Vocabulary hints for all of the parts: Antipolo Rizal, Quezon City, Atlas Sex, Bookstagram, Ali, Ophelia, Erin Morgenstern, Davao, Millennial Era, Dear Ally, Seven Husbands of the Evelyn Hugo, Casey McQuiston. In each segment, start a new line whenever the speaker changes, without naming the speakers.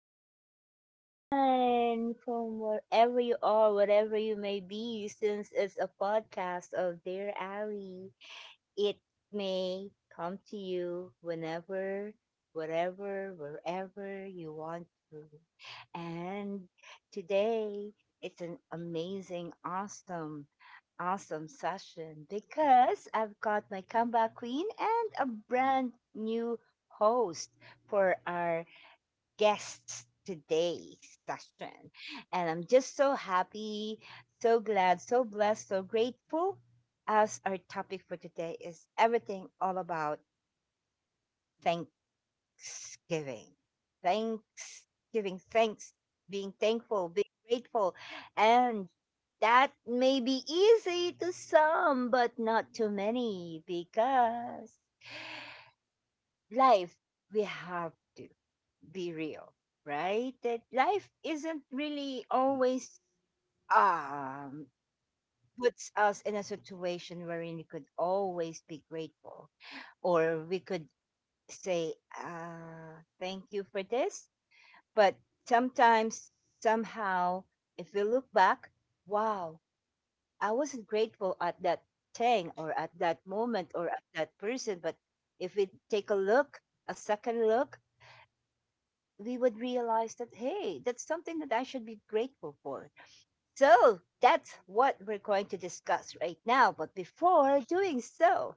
everyone from wherever you are, whatever you may be, since it's a podcast of Dear Ally. It may come to you whenever, whatever, wherever you want to. And today, it's an amazing, awesome, awesome session because I've got my comeback queen and a brand new host for our guests today's session. And I'm just so happy, so glad, so blessed, so grateful, as our topic for today is everything all about Thanksgiving. Thanksgiving, thanks, being thankful, being grateful. And that may be easy to some, but not to many because life we have to be real, right? That life isn't really always um puts us in a situation wherein we could always be grateful, or we could say, thank you for this. But sometimes, somehow, if we look back, wow, I wasn't grateful at that thing or at that moment or at that person. But if we take a look, a second look, we would realize that, hey, that's something that I should be grateful for. So that's what we're going to discuss right now. But before doing so,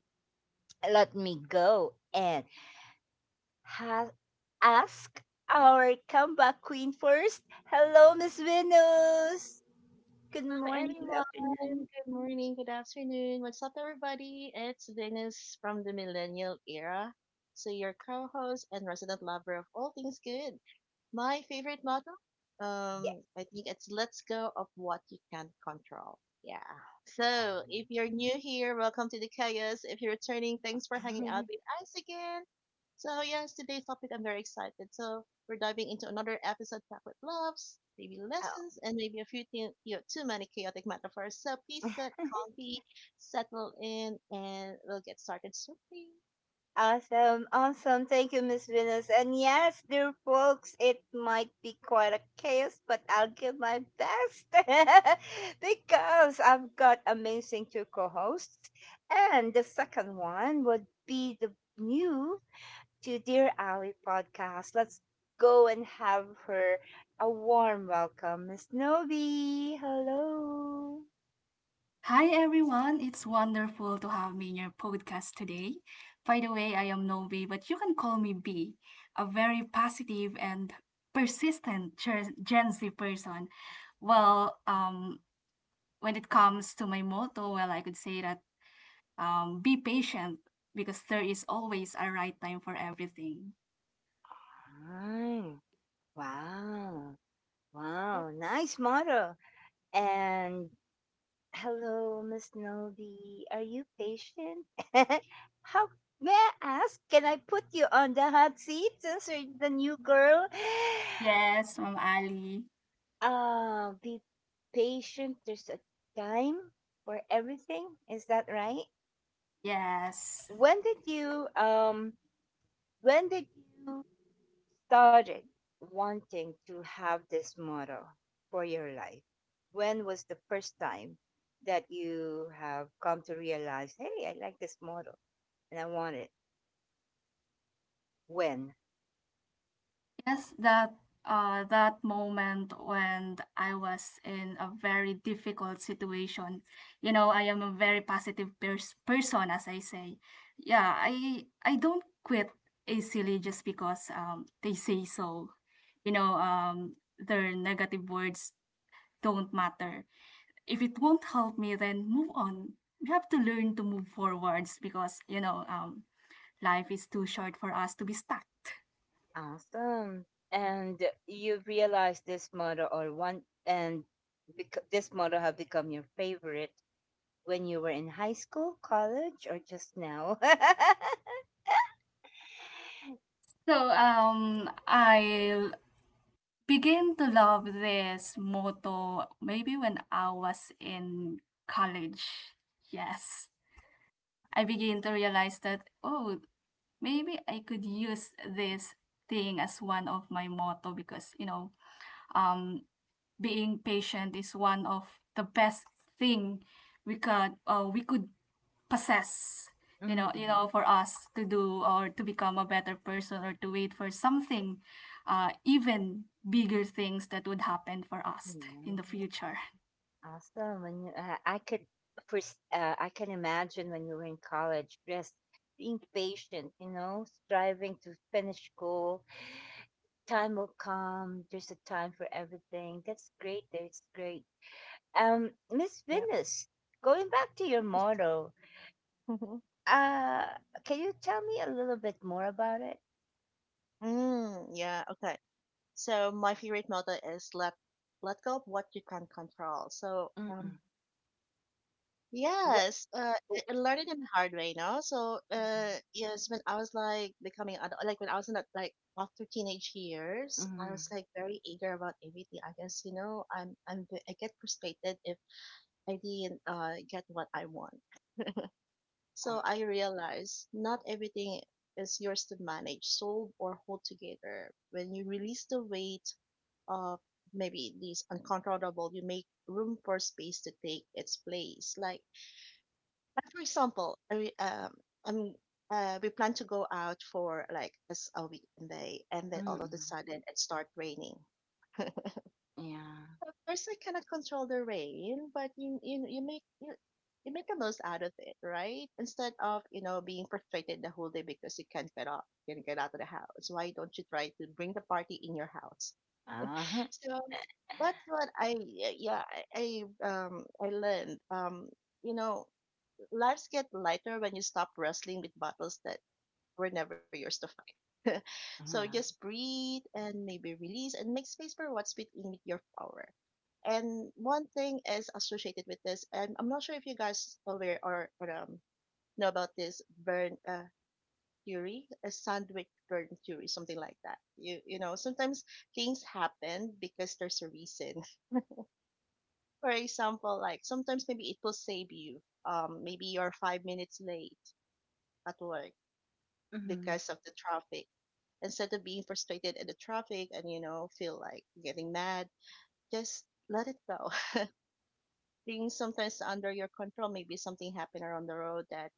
let me go and ha- ask our comeback queen first. Hello, Miss Venus. Good
Hello,
morning, good
everyone.
afternoon.
Good morning, good afternoon. What's up, everybody? It's Venus from the Millennial Era. So, your co host and resident lover of all things good. My favorite motto? I think it's let's go of what you can't control. Yeah. So, if you're new here, welcome to the chaos. If you're returning, thanks for
Yeah.
hanging out with us again. So, yes, today's topic I'm very excited. So, we're diving into another episode packed with loves, maybe lessons, and maybe a few thing, too many chaotic metaphors. So, please get comfy, settle in, and we'll get started shortly.
Awesome, awesome. Thank you, Miss Venus. And yes, dear folks, it might be quite a chaos, but I'll give my best. Because I've got amazing two co-hosts. And the second one would be the new to Dear Ali podcast. Let's go and have her a warm welcome, Miss Novi. Hello.
Hi everyone, it's wonderful to have me in your podcast today. By the way, I am Novi, but you can call me B, a very positive and persistent Gen Z person. Well, when it comes to my motto, well, I could say that be patient because there is always a right time for everything.
Hi. Wow.
Oh,
Wow. Nice model. And hello, Miss Novi. Are you patient? How may I ask? Can I put you on the hot seat since you're the new girl?
Yes, Mom Ali.
Be patient. There's a time for everything. Is that right?
Yes.
When did you um When did you started wanting to have this motto for your life? When was the first time that you have come to realize, hey, I like this motto and I want it? When?
Yes, that moment when I was in a very difficult situation. You know, I am a very positive person, as I say. Yeah, I don't quit easily just because they say so. You know, their negative words don't matter. If it won't help me, then move on. We have to learn to move forwards because life is too short for us to be stuck.
Awesome. And you realize this motto or one and this motto have become your favorite when you were in high school, college, or just now?
So, I begin to love this motto maybe when I was in college. Yes. I begin to realize that, oh, maybe I could use this thing as one of my motto because, um, being patient is one of the best thing we could possess,
Mm-hmm.
for us to do or to become a better person or to wait for something, even bigger things that would happen for us in the future.
Awesome. When you, I could, I can imagine when you were in college, just being patient, you know, striving to finish school. Time will come. There's a time for everything. That's great. That's great. Miss
yeah.
Venus, going back to your
Yes.
motto,
Mhm.
uh, can you tell me a little bit more about it?
Yeah, okay. So, my favorite motto is let go of what you can not control. So,
Mm-mm. What?
yes,
Oh.
I learned it in the hard way, no? So, yes, when I was like becoming adult, like when I was in that, like after teenage years, I
Mm-mm.
was like very eager about everything. I guess, you know, I get frustrated if I didn't, get what I want. So I realized not everything is yours to manage, solve, or hold together. When you release the weight of maybe these uncontrollable, you make room for space to take its place. Like for example, I I'm we plan to go out for like as a weekend day, and then all of a
Mm-mm.
sudden it start raining.
Yeah.
Of course, I cannot control the rain, but you make the most out of it, right? Instead of being frustrated the whole day because you can't get out of the house. Why don't you try to bring the party in your house?
Uh-huh.
So that's what I yeah yeah, I learned you know lives get lighter when you stop wrestling with battles that were never yours to find. So
Uh-huh.
just breathe and maybe release and make space for what's within your power. And one thing is associated with this, and I'm not sure if you guys aware or know about this burn theory, a sandwich burn theory, something like that. You know, sometimes things happen because there's a reason. For example, like sometimes maybe it will save you. Maybe you're 5 minutes late at work
Mm-mm.
because of the traffic. Instead of being frustrated at the traffic and feel like getting mad, just let it go. Things sometimes under your control, maybe something happened around the road that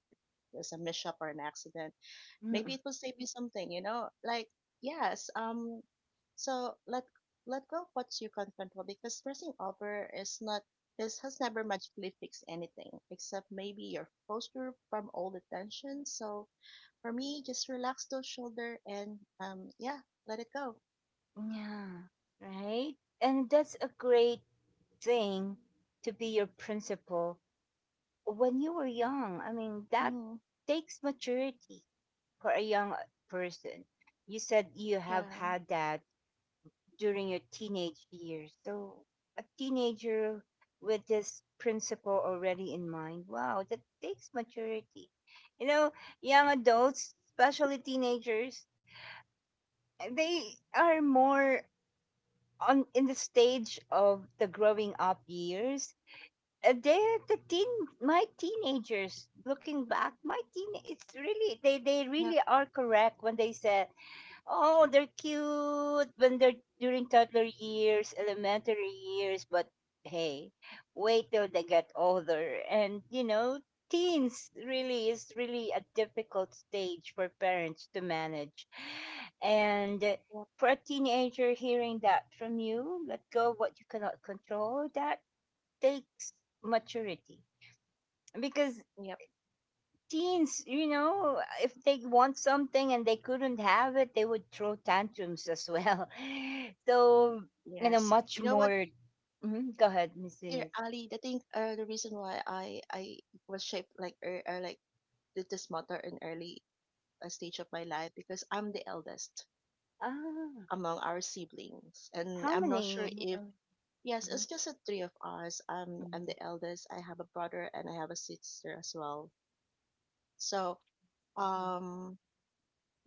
there's a mishap or an accident, maybe it will save you something, like yes. So let go of what you can control because stressing over is not, this has never magically fixed anything except maybe your posture from all the tension. So for me, just relax those shoulder and yeah, let it go.
Yeah, right? And that's a great thing to be your principal when you were young. I mean, that
Mhm.
takes maturity for a young, person. You said you have
Yeah.
had that during your teenage years. So, a teenager with this principle already in mind, wow, that takes maturity. You know, young adults, especially teenagers, they are more on in the stage of the growing up years, they're the teen, my teenagers, looking back my teen, it's really they
Yep.
really are correct when they say, oh, they're cute when they're during toddler years, elementary years, but hey, wait till they get older. And, you know, teens really is really a difficult stage for parents to manage. And,
Yep.
for a teenager hearing that from you, let go of what you cannot control, that takes maturity. Because
Yep.
teens, you know, if they want something and they couldn't have it, they would throw tantrums as well. So, you know,
Yes.
much
You know what,
more. Mhm. Go ahead, Miss
dear
Venus.
Ali? I think the reason why I was shaped like did this matter in early stage of my life because I'm the eldest
Ah,
among our siblings, and
how
I'm not sure
many?
if yes, it's
Mhm,
just the three of us. I'm
mhm,
the eldest. I have a brother and I have a sister as well. So
mhm,
um,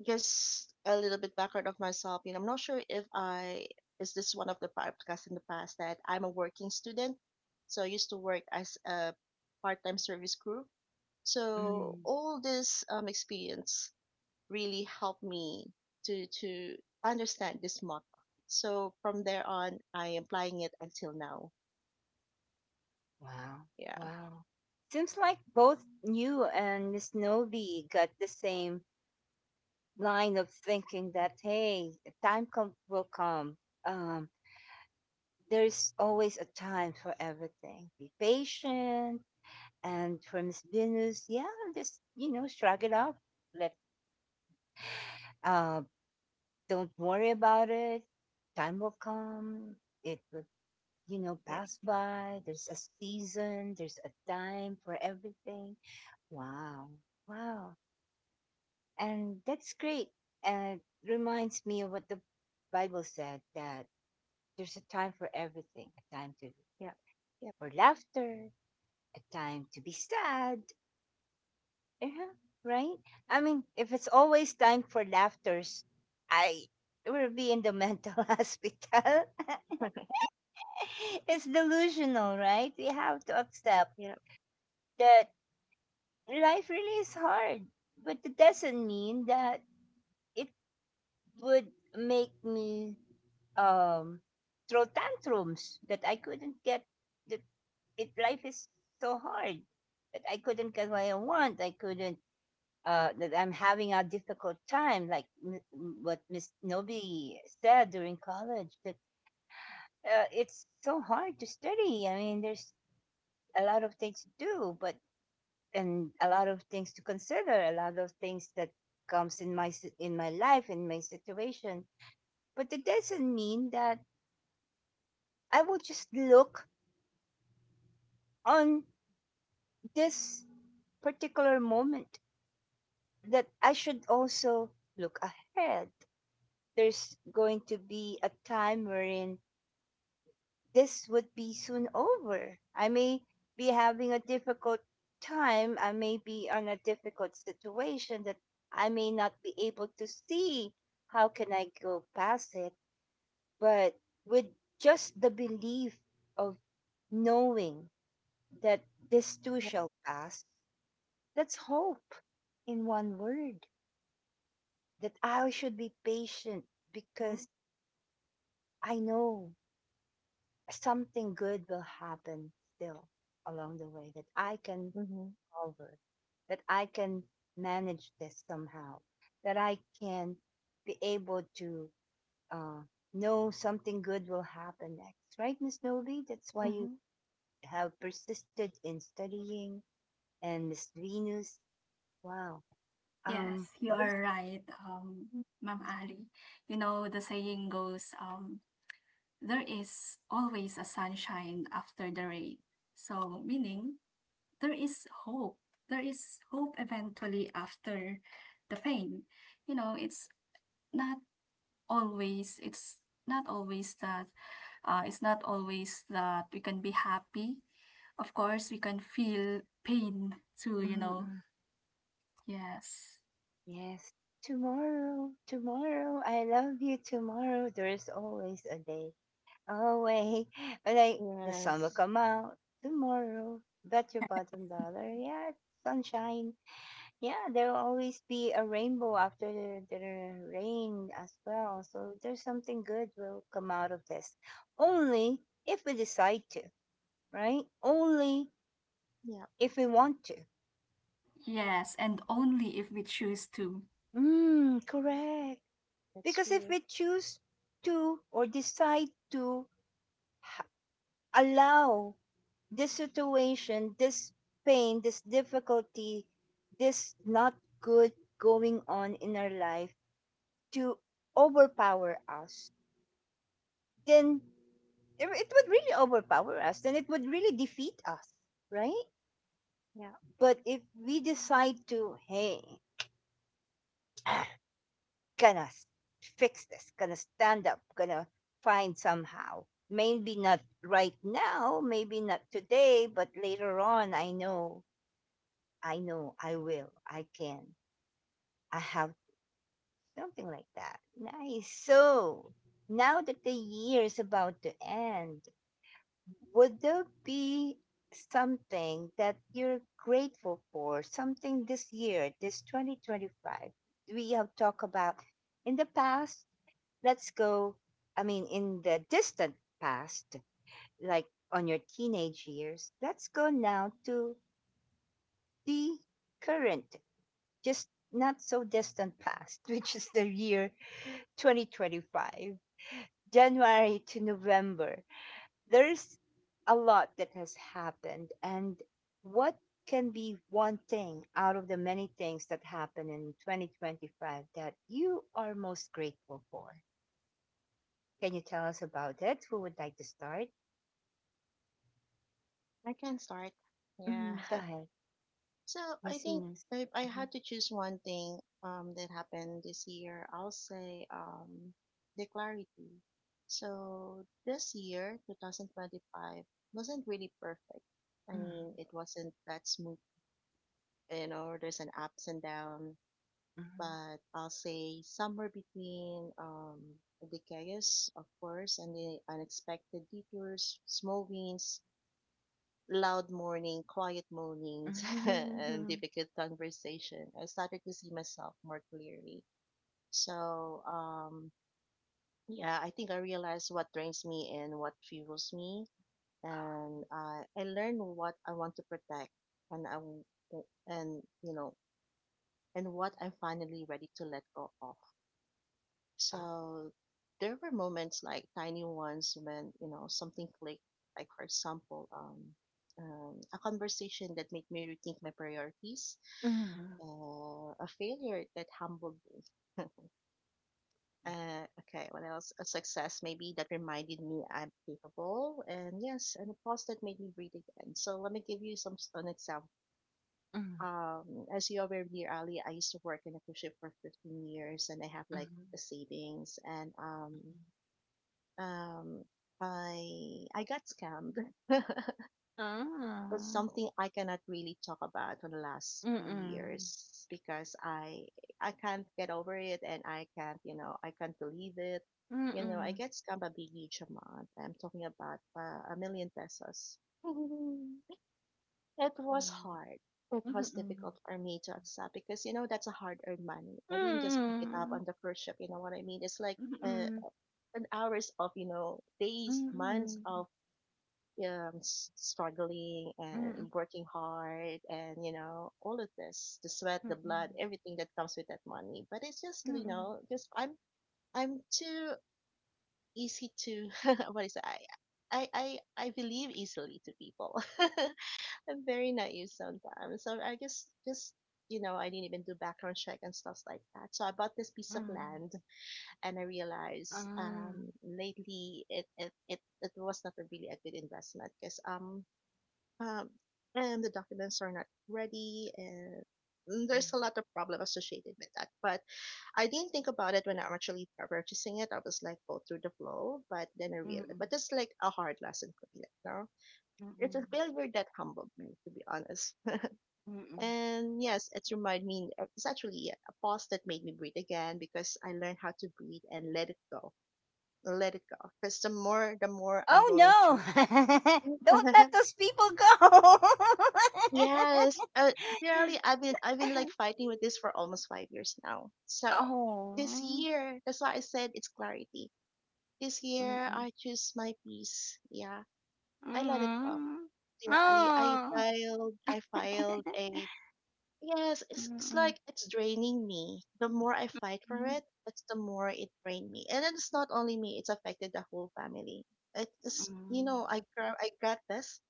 just a little bit background of myself. You know, I'm not sure if I is this one of the podcasts in the past that I'm a working student. So I used to work as a part-time service crew. So
mhm.
all this experience really helped me to understand this motto. So from there on, I am applying it until now.
Wow,
Yeah,
wow. Seems like both you and Miss Novi got the same line of thinking that hey, a time come, will come. Um, there's always a time for everything. Be patient. And for Miss Venus, yeah, just you know, shrug it off. Let, uh, don't worry about it. Time will come. It will, you know,
yeah,
pass by. There's a season. There's a time for everything. Wow, wow, and that's great. And it reminds me of what the Bible said, that there's a time for everything. A time to
Yeah. yeah,
for laughter. A time to be sad. Yeah, right? I mean, if it's always time for laughters, I will be in the mental hospital. It's delusional, right? We have to accept
Yeah.
that life really is hard, but it doesn't mean that it would make me, um, throw tantrums that I couldn't get that it life is so hard that I couldn't get what I want. I couldn't, that I'm having a difficult time, like what Miss Nobi said during college, that, it's so hard to study. I mean, there's a lot of things to do, but and a lot of things to consider, a lot of things that comes in my in my life in my situation. But it doesn't mean that I will just look on this particular moment, that I should also look ahead. There's going to be a time wherein this would be soon over. I may be having a difficult time. I may be on a difficult situation that I may not be able to see how can I go past it. But with just the belief of knowing that this too
yeah.
shall pass, that's hope in one word. That I should be patient because
Mhm,
I know something good will happen still along the way, that I can
Mm-hmm.
forward, that I can manage this somehow, that I can be able to, uh, know something good will happen next. Right, Miss Novi? That's why you
mhm.
have persisted in studying. And Miss Venus, wow. Um,
Yes, you
Yeah.
are right, um ma'am Ali. You know, the saying goes, there is always a sunshine after the rain. So, meaning, there is hope. There is hope eventually after the pain. You know, not always it's not always that it's not always that we can be happy. Of course, we can feel pain too, you
mm,
know.
mm.
Yes.
Yes, tomorrow, tomorrow, I love you tomorrow. There is always a day away. But like the sun will
Yes,
come out tomorrow. Bet your bottom dollar. Yeah, sunshine. Yeah, there will always be a rainbow after the rain as well. So there's something good will come out of this. Only if we decide to, right? Only
yeah,
if we want to.
Yes, and only if we choose to.
Mm, correct.
that's
Because if
true.
we choose to or decide to h- allow this situation, this pain, this difficulty, this not good going on in our life to overpower us, then it would really overpower us. Then it would really defeat us, right?
Yeah.
But if we decide to, hey, gonna fix this, gonna stand up, gonna find somehow. Maybe not right now, maybe not today, but later on, I know I know I will, I can, I have something like that. Nice. So now that the year is about to end, would there be something that you're grateful for, something this year, this 2025? We have talked about in the past, let's go, I mean, in the distant past, like on your teenage years, let's go now to the current just not so distant past, which is the year 2025, January to November, there's a lot that has happened. And what can be one thing out of the many things that happened in 2025 that you are most grateful for? Can you tell us about it? Who would like to start?
I can start. Yeah.
Hmm. Go ahead,
So I
Miss
think
Venus.
if I
Mhm,
had to choose one thing that happened this year, I'll say the clarity. So this year, 2025, wasn't really perfect. I
mhm,
mean, it wasn't that smooth, you know, there's an ups and down, but I'll say somewhere between the chaos, of course, and the unexpected detours, small wins, loud morning, quiet mornings,
mhm, mhm,
and
mhm,
difficult conversation, I started to see myself more clearly. So, yeah, I think I realized what drains me and what fuels me, and I learned what I want to protect, and I w- and you know, and what I'm finally ready to let go of. So there were moments like tiny ones when, you know, something clicked. Like, for example, a conversation that made me rethink my priorities,
mhm, mhm, mhm, mhm,
a failure that humbled me. Okay, what else? A success maybe that reminded me I'm capable, and yes, and a pause that made me breathe again. So let me give you an example.
mhm,
As you aware, dear Ali, I used to work in a cruise ship for 15 years, and I have
mhm,
like
mhm,
the savings, and
mhm.
um I got scammed. That's
Ah,
something I cannot really talk about for the last few
mm.
years because I can't get over it and I can't, you know, I can't believe it. You know, I
Mm.
get scammed a big each amount. I'm talking about a million pesos. It was
Hmm,
hard. It was
mm.
difficult for me to accept because you know that's a hard-earned money.
Mm.
I didn't just pick it up
Mm.
on the first ship. You know what I mean? It's like uh,
Mm.
an hours of you know days, months of struggling
Mm.
and working hard and you know all of this the sweat the blood
Mm.
everything that comes with that money, but it's just you
Mm.
know just i'm too easy to what is it I I believe easily to people. I'm very naive sometimes. So I just you know, I didn't even do background check and stuff like that. So I bought this piece of
Hmm,
land and I realized
ah,
lately it was not a really a good investment because um, and the documents are not ready and there's a
hmm,
lot of problem associated with that, but I didn't think about it when I actually purchasing it. I was like go through the flow, but then I realized,
mm.
but it's like a hard lesson for me like now. It's a
Mm.
failure that humbled me, to be honest,
Mm.
and yes, it's reminded me, it's actually a pause that made me breathe again because I learned how to breathe and let it go, let it go because the more I'm
Oh
going through.
no! Don't let those people go!
Yes, really, I've been like fighting with this for almost 5 years now. So this
Oh.
year, that's why I said it's clarity. This year,
Mm.
I choose my peace. Yeah, I let it go.
Mm.
Dear Ali,
Oh.
I filed a yes. It's like it's draining me. The more I fight for
Mm.
it, it's the more it drained me. And then it's not only me; it's affected the whole family. It is you
Mm.
know I got this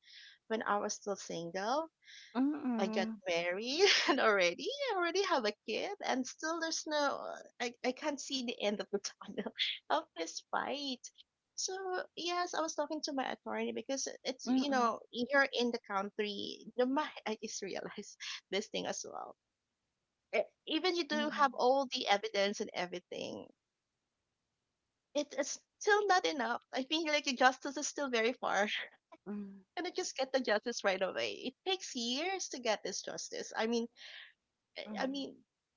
when I was still single.
Mm,
I got
mm,
married and already I already have a kid and still there's no, I, I can't see the end of the tunnel of this fight. So yes, I was talking to my attorney because it's you
mm,
know you're in the country. I just realized this thing as well. E- Even you do have
mm,
all the evidence and everything, it is still not enough. I feel like the justice is still very far.
mm, mm,
And I just get the justice right away. It takes years to get this justice. I
mm,
mean,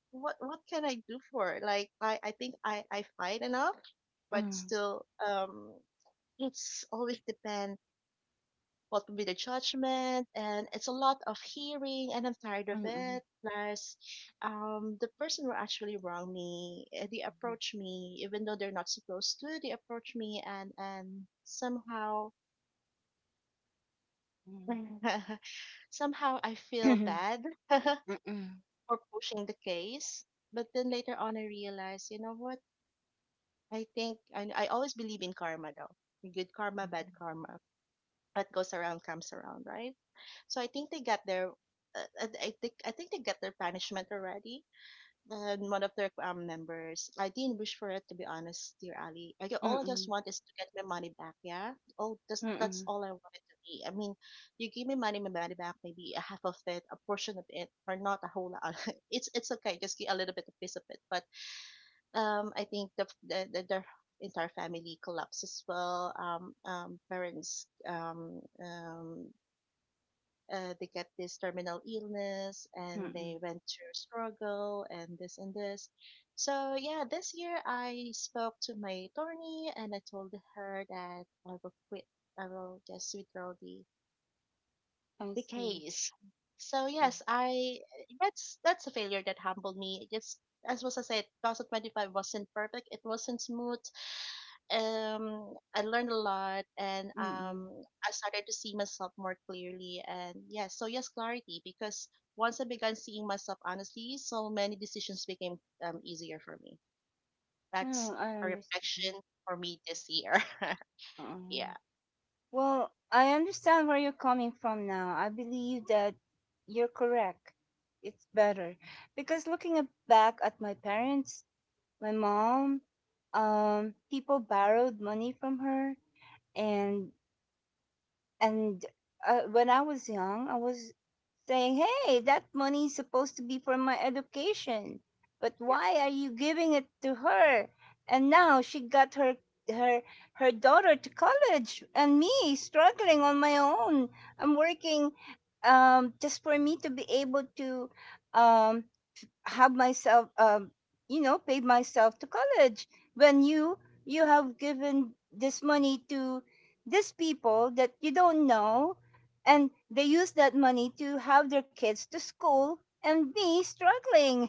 what can I do for it? Like I think I fight enough, but
mm,
still it's always depend what will be the judgment, and it's a lot of hearing and I'm tired of
mm, mm,
it. Plus the person who actually wronged me, eh, they approach me even though they're not supposed to, they approach me and somehow
mm,
somehow I feel bad for pushing the case. But then later on I realized, you know what? I think I always believe in karma though. Good karma, bad karma. What goes around comes around, right? So I think they got their I think they got their punishment already. And one of their members, I didn't wish for it, to be honest, dear Ali. All I just want is to get my money back. Yeah. Oh, that's
mm,
all I want it to be. I mean, you give me money, my money back, maybe a half of it, a portion of it, or not a whole lot. It's okay. Just get a little bit of piece of it, but I think the entire family collapse as well. Parents, they get this terminal illness and they
mm.
went through struggle and this and this. So yeah, this year I spoke to my attorney and I told her that I will quit. I will just withdraw the
I
the
see.
case. So
Mm,
yes, I that's a failure that humbled me. It Just As was I said, 2025 wasn't perfect. It wasn't smooth. I learned a lot, and
mm.
I started to see myself more clearly. And yes, so yes, clarity, because once I began seeing myself honestly, so many decisions became easier for me. That's
No, I
a reflection
understand.
for me this year. Yeah.
Um, well, I understand where you're coming from now. I believe that you're correct. It's better because looking at- back at my parents, my mom, people borrowed money from her, and and, when I was young, I was saying, "Hey, that money is supposed to be for my education, but
Yeah.
why are you giving it to her?" And now she got her her her daughter to college, and me struggling on my own. I'm working, just for me to be able to, um, have myself, um, you know, paid myself to college when you have given this money to these people that you don't know and they use that money to have their kids to school and me struggling.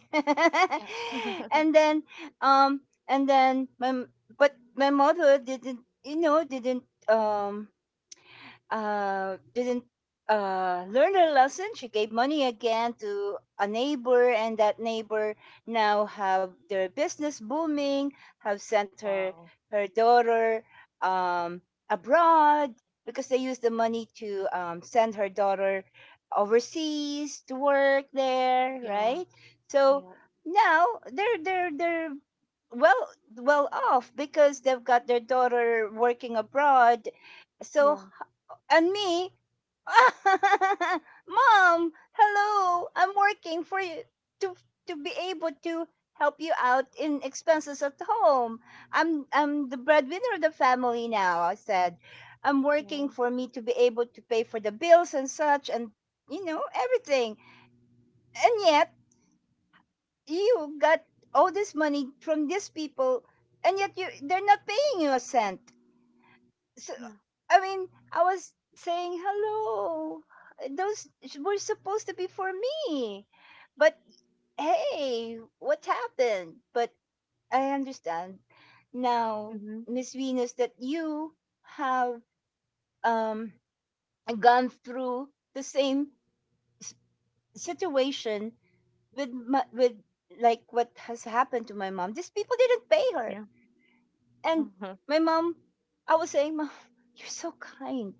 Yeah.
And then, um, and then my but my mother didn't you know didn't, um, didn't, learn her lesson. She gave money again to a neighbor, and that neighbor now have their business booming. Have sent her
Wow.
her daughter, um, abroad, because they used the money to, send her daughter overseas to work there,
Yeah.
right? So
Yeah.
now they're they're well well off because they've got their daughter working abroad. So
Yeah.
and me, Mom, hello. I'm working for you to to be able to help you out in expenses at home. I'm the breadwinner of the family now, I said. I'm working
Yeah.
for me to be able to pay for the bills and such and everything. And yet you got all this money from these people, and yet you they're not paying you a cent, so
Yeah.
I mean, I was saying hello. Those were supposed to be for me, but hey, what happened? But I understand now,
Mm-hmm.
Miss Venus, that you have um gone through the same s- situation with like what has happened to my mom. These people didn't pay her.
Yeah. Uh
And
huh.
my mom, I was saying, Mom, you're so kind.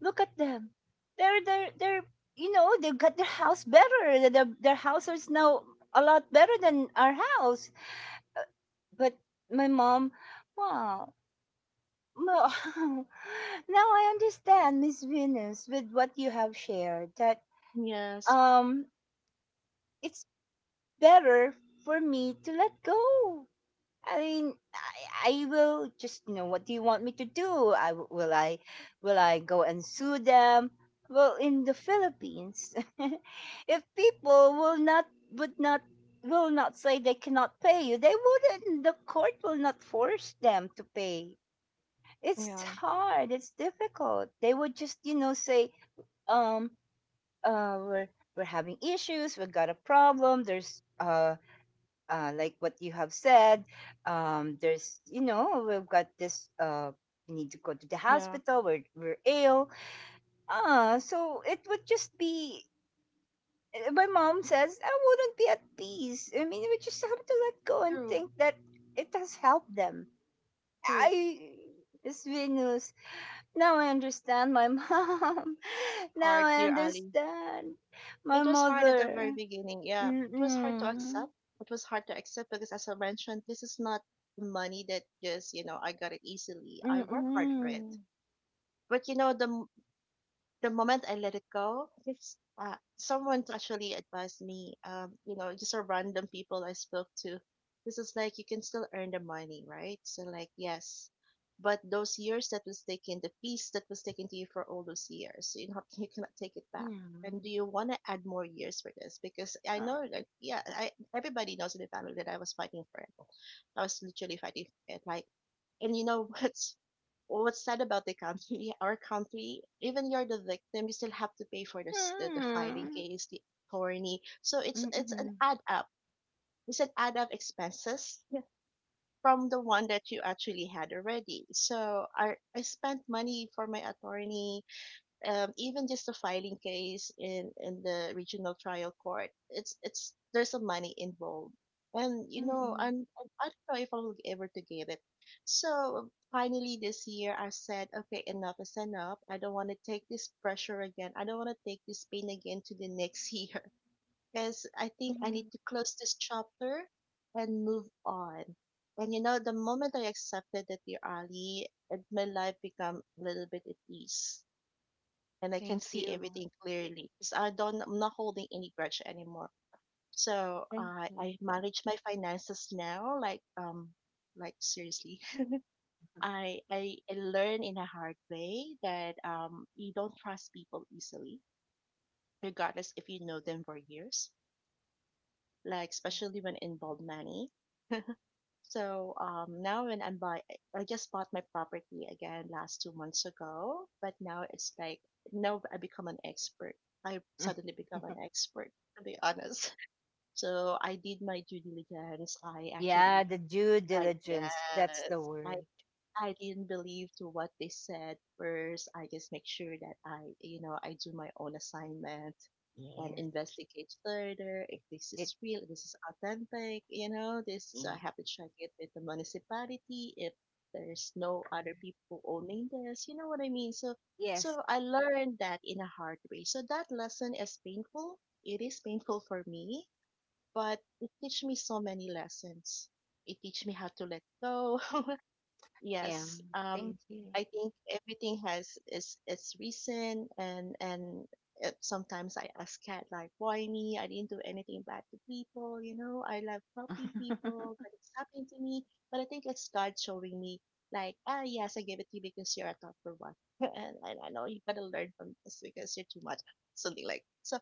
Look at them. They're they've got their house better. Their house is now a lot better than our house. But my mom, wow. Wow. Now I understand, Miss Venus, with what you have shared, that
Yes.
um it's better for me to let go. I mean, I will just, what do you want me to do? Will I go and sue them? Well, in the Philippines, if people would not will not say they cannot pay you, they wouldn't. The court will not force them to pay. It's
Yeah.
hard. It's difficult. They would just, say, um, uh, we're we're having issues. We've got a problem. There's like what you have said, there's, we've got this, we need to go to the
Yeah.
hospital, we're ill. So it would just be, my mom says, I wouldn't be at peace. I mean, we just have to let go and
True.
think that it has helped them.
True.
I, Miss Venus, now I understand my mom. Now
Hard,
I
dear Ali.
understand my
It was hard at the very
mother.
beginning. Yeah, it was hard to
Mm-mm.
accept. It was hard to accept because, as I mentioned, this is not money that just I got it easily. I work hard for it.
Mm-mm.
But the moment I let it go, someone actually advised me, just a random people I spoke to. This is like you can still earn the money, right? So like yes, but those years that was taken, the piece that was taken to you for all those years, so you cannot take it back. And do
Mm.
you want to add more years for this? Because I know that yeah, I everybody knows in the family that I was fighting for it. I was literally fighting for it. Like, and you know, what? Well, what's sad about the country, our country, even you're the victim, you still have to pay for this, the, filing
Mm.
case, the attorney. So it's an
Mm-mm.
add up. It's an add up expenses. Yeah. From the one that you actually had already. So I spent money for my attorney, even just the filing case in the regional trial court. It's There's some money involved. And
Mm-mm.
I don't know if I will ever to get it. So finally this year I said, okay, enough is enough. I don't want to take this pressure again. I don't want to take this pain again to the next year, because I think I need
Mm.
to close this chapter and move on. And the moment I accepted that, dear Ali, my life become a little bit at ease. And I can
Thank
see
you.
everything clearly, because I'm not holding any grudge anymore. So
Thank
I
you.
I manage my finances now, like like, seriously. I learn in a hard way that you don't trust people easily, regardless if you know them for years. Like, especially when involved money. So, now when I just bought my property again last 2 months ago. But now it's like now I become an expert. I suddenly become an expert, to be honest. So I did my due diligence. I
Yeah,
actually,
the due diligence. That's the
yes, I
word.
I didn't believe to what they said first. I just make sure that I do my own assignment and
Yes.
investigate further if this
It
is real, this is authentic. You know, this So I
yeah.
have to check it with the municipality if there's no other people owning this, you know what I mean? So
Yes.
I learned that in a hard way. So that lesson is painful. It is painful for me, but it teach me so many lessons. It teach me how to let go.
Yeah.
Yes.
Thank you.
I think everything has its reason, and and sometimes I ask Cat like, "Why me? I didn't do anything bad to people. I love helping people, but it's happening to me. But I think it's God showing me, like, ah, yes, I gave it to you because you're a thoughtful one, and, I know you gotta learn from this because you're too much, something like so."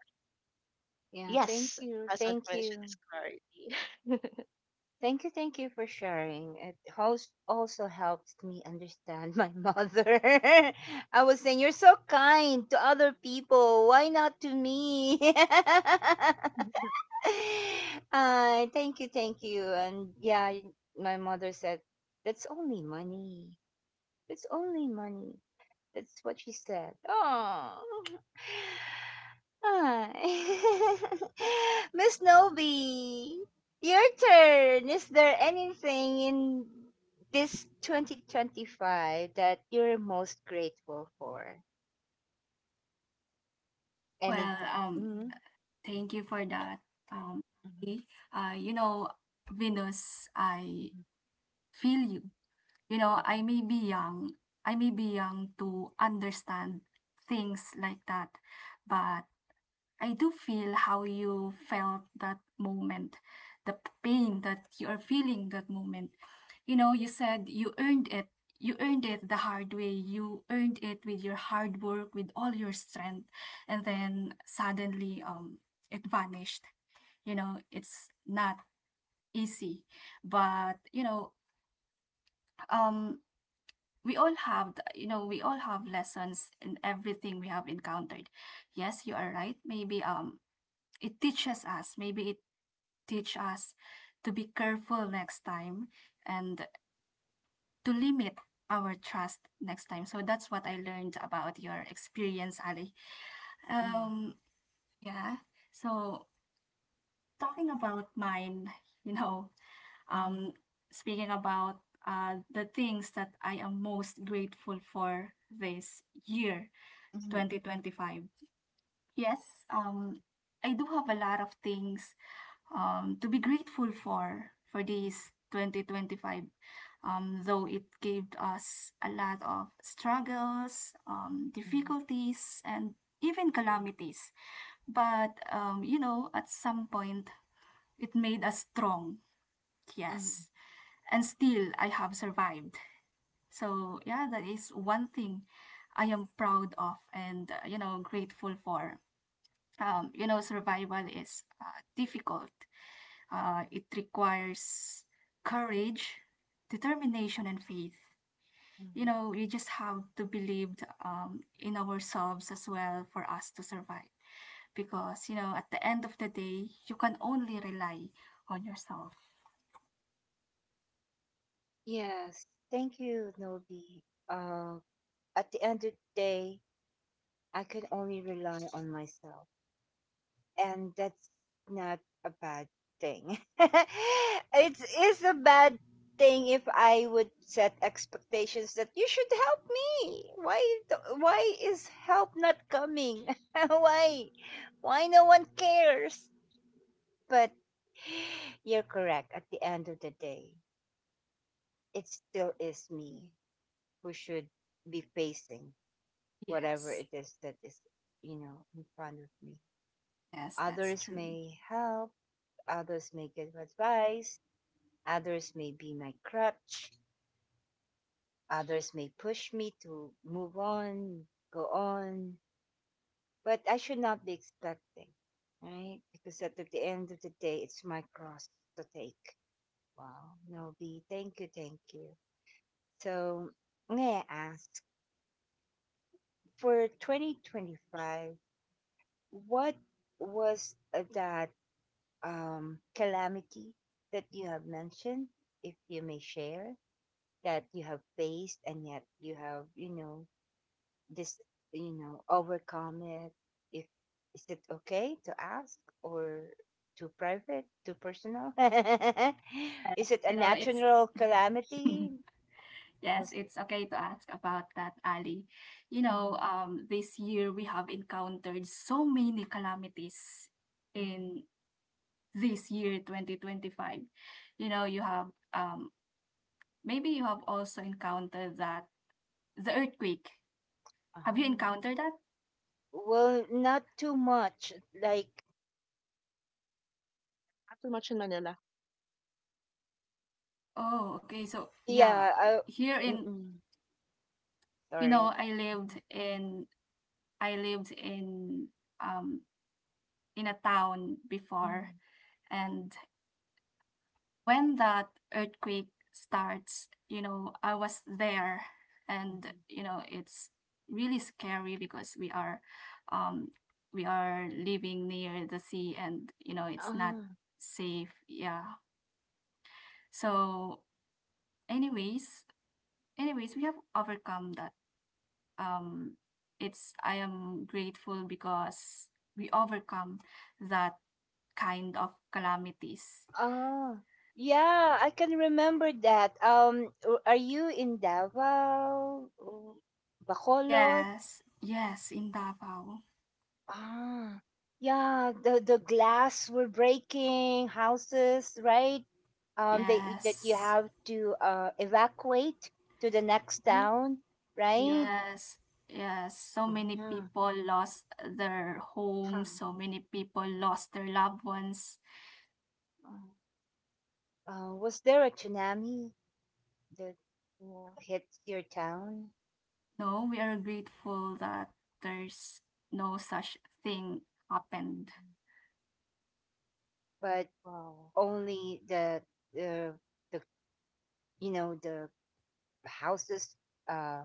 Yeah,
Yes,
thank you.
as I
Thank
mentioned,
you.
it's clarity.
Thank you, thank you for sharing. It also helps me understand my mother. I was saying, you're so kind to other people. Why not to me?
Not
Thank you, thank you. And yeah, my mother said, that's only money. That's only money. That's what she said. Oh. Miss Noby, your turn. Is there anything in this 2025 that you're most grateful for? Any?
Well,
Mhm.
thank you for that, um
Mhm.
Ali. You know, Venus, I
Mhm.
feel you. You know, I may be young, I may be young to understand things like that, but I do feel how you felt that moment, the pain that you are feeling that moment. You know, you said you earned it. You earned it the hard way. You earned it with your hard work, with all your strength. And then, suddenly, it vanished. You know, it's not easy. But you know, um we all have lessons in everything we have encountered. Yes, you are right. Maybe, it teaches us, maybe it teach us to be careful next time and to limit our trust next time. So that's what I learned about your experience, Ali.
Mhm.
Um, yeah. So, talking about mine, you know, um, speaking about, the things that I am most grateful for this year,
Mhm. Mhm. Mhm.
2025. Yes, um, I do have a lot of things, to be grateful for these 2025, though it gave us a lot of struggles,
Mhm. Mhm.
difficulties, and even calamities, but at some point it made us strong.
Mhm.
Yes, and still I have survived. So yeah, that is one thing I am proud of and, grateful for. Um, survival is, difficult. It requires courage, determination, and faith. You
Mhm.
know, we just have to believe, in ourselves as well for us to survive. Because, you know, at the end of the day, you can only rely on yourself.
Yes, thank you, Nobi. Uh, at the end of the day, I can only rely on myself, and that's not a bad thing. It's a bad thing if I would set expectations that you should help me. Why why is help not coming? Why no one cares? But you're correct. At the end of the day, it still is me who should be facing whatever
Yes,
it is that is, in front of me.
yes, that's
Others
true.
may help, others may give advice, others may be my crutch, others may push me to move on, go on, but I should not be expecting, right? Because at the end of the day, it's my cross to take. Wow, Novi, thank you, thank you. So, may I ask, for 2025, what was, that, calamity that you have mentioned, if you may share, that you have faced and yet you have, this, overcome it? If is it okay to ask, or too private, too personal?
Yes,
Is it a
you know, it's
natural calamity?
yes,
Was
it's okay to ask about that, Ali. You know,
Mhm.
this year we have encountered so many calamities
Mhm.
in this year 2025. You know, you have um maybe you have also encountered that, the earthquake. Have you
Ah.
encountered that?
Well, not too much. Like,
too much in Manila.
Oh, okay. So yeah,
yeah, I,
here in you
or
know, i lived in i lived in um in a town before,
Mm.
and when that earthquake starts, you know, I was there, and
Mhm.
it's really scary because um we are living near the sea, and it's not
Oh,
safe. Yeah. So, anyways, anyways, we have overcome that. Um it's I am grateful because we overcome that kind of calamities.
oh, yeah, I can remember that. Are you in Davao, Bacolod?
Yes, yes, in Davao.
Ah, yeah, the glass were breaking, houses, right? They that you
Yes.
have to evacuate to the next
Mhm.
town, right?
Yeah.
Yes, yes. So many
Yeah.
people lost their
Huh.
homes, so many people lost their loved ones.
Was there a tsunami that
Yeah.
hit your town?
No, we are grateful that there's no such thing happened.
But
Wow.
only the the the the houses uh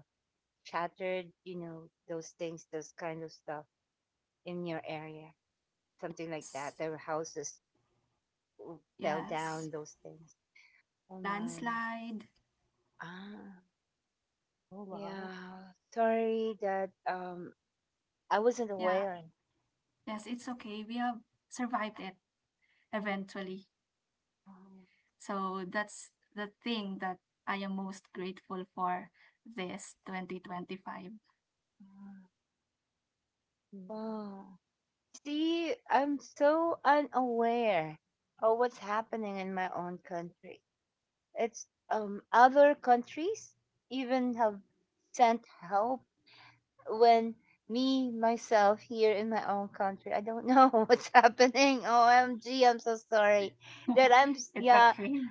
shattered, those things, those kind of stuff in your area, something like that.
S-
Their houses fell down,
Yes,
those things. Oh my,
landslide.
ah,
Oh, wow.
yeah. Sorry that I wasn't
Yeah,
aware.
yes, it's okay. We have survived it eventually.
Oh,
So that's the thing that I am most grateful for this 2025.
mm,
Mm,
wow. See, I'm so unaware of what's happening in my own country. It's, other countries even have sent help when me myself here in my own country. I don't know what's happening. OMG, I'm so sorry that
It's
yeah,
okay.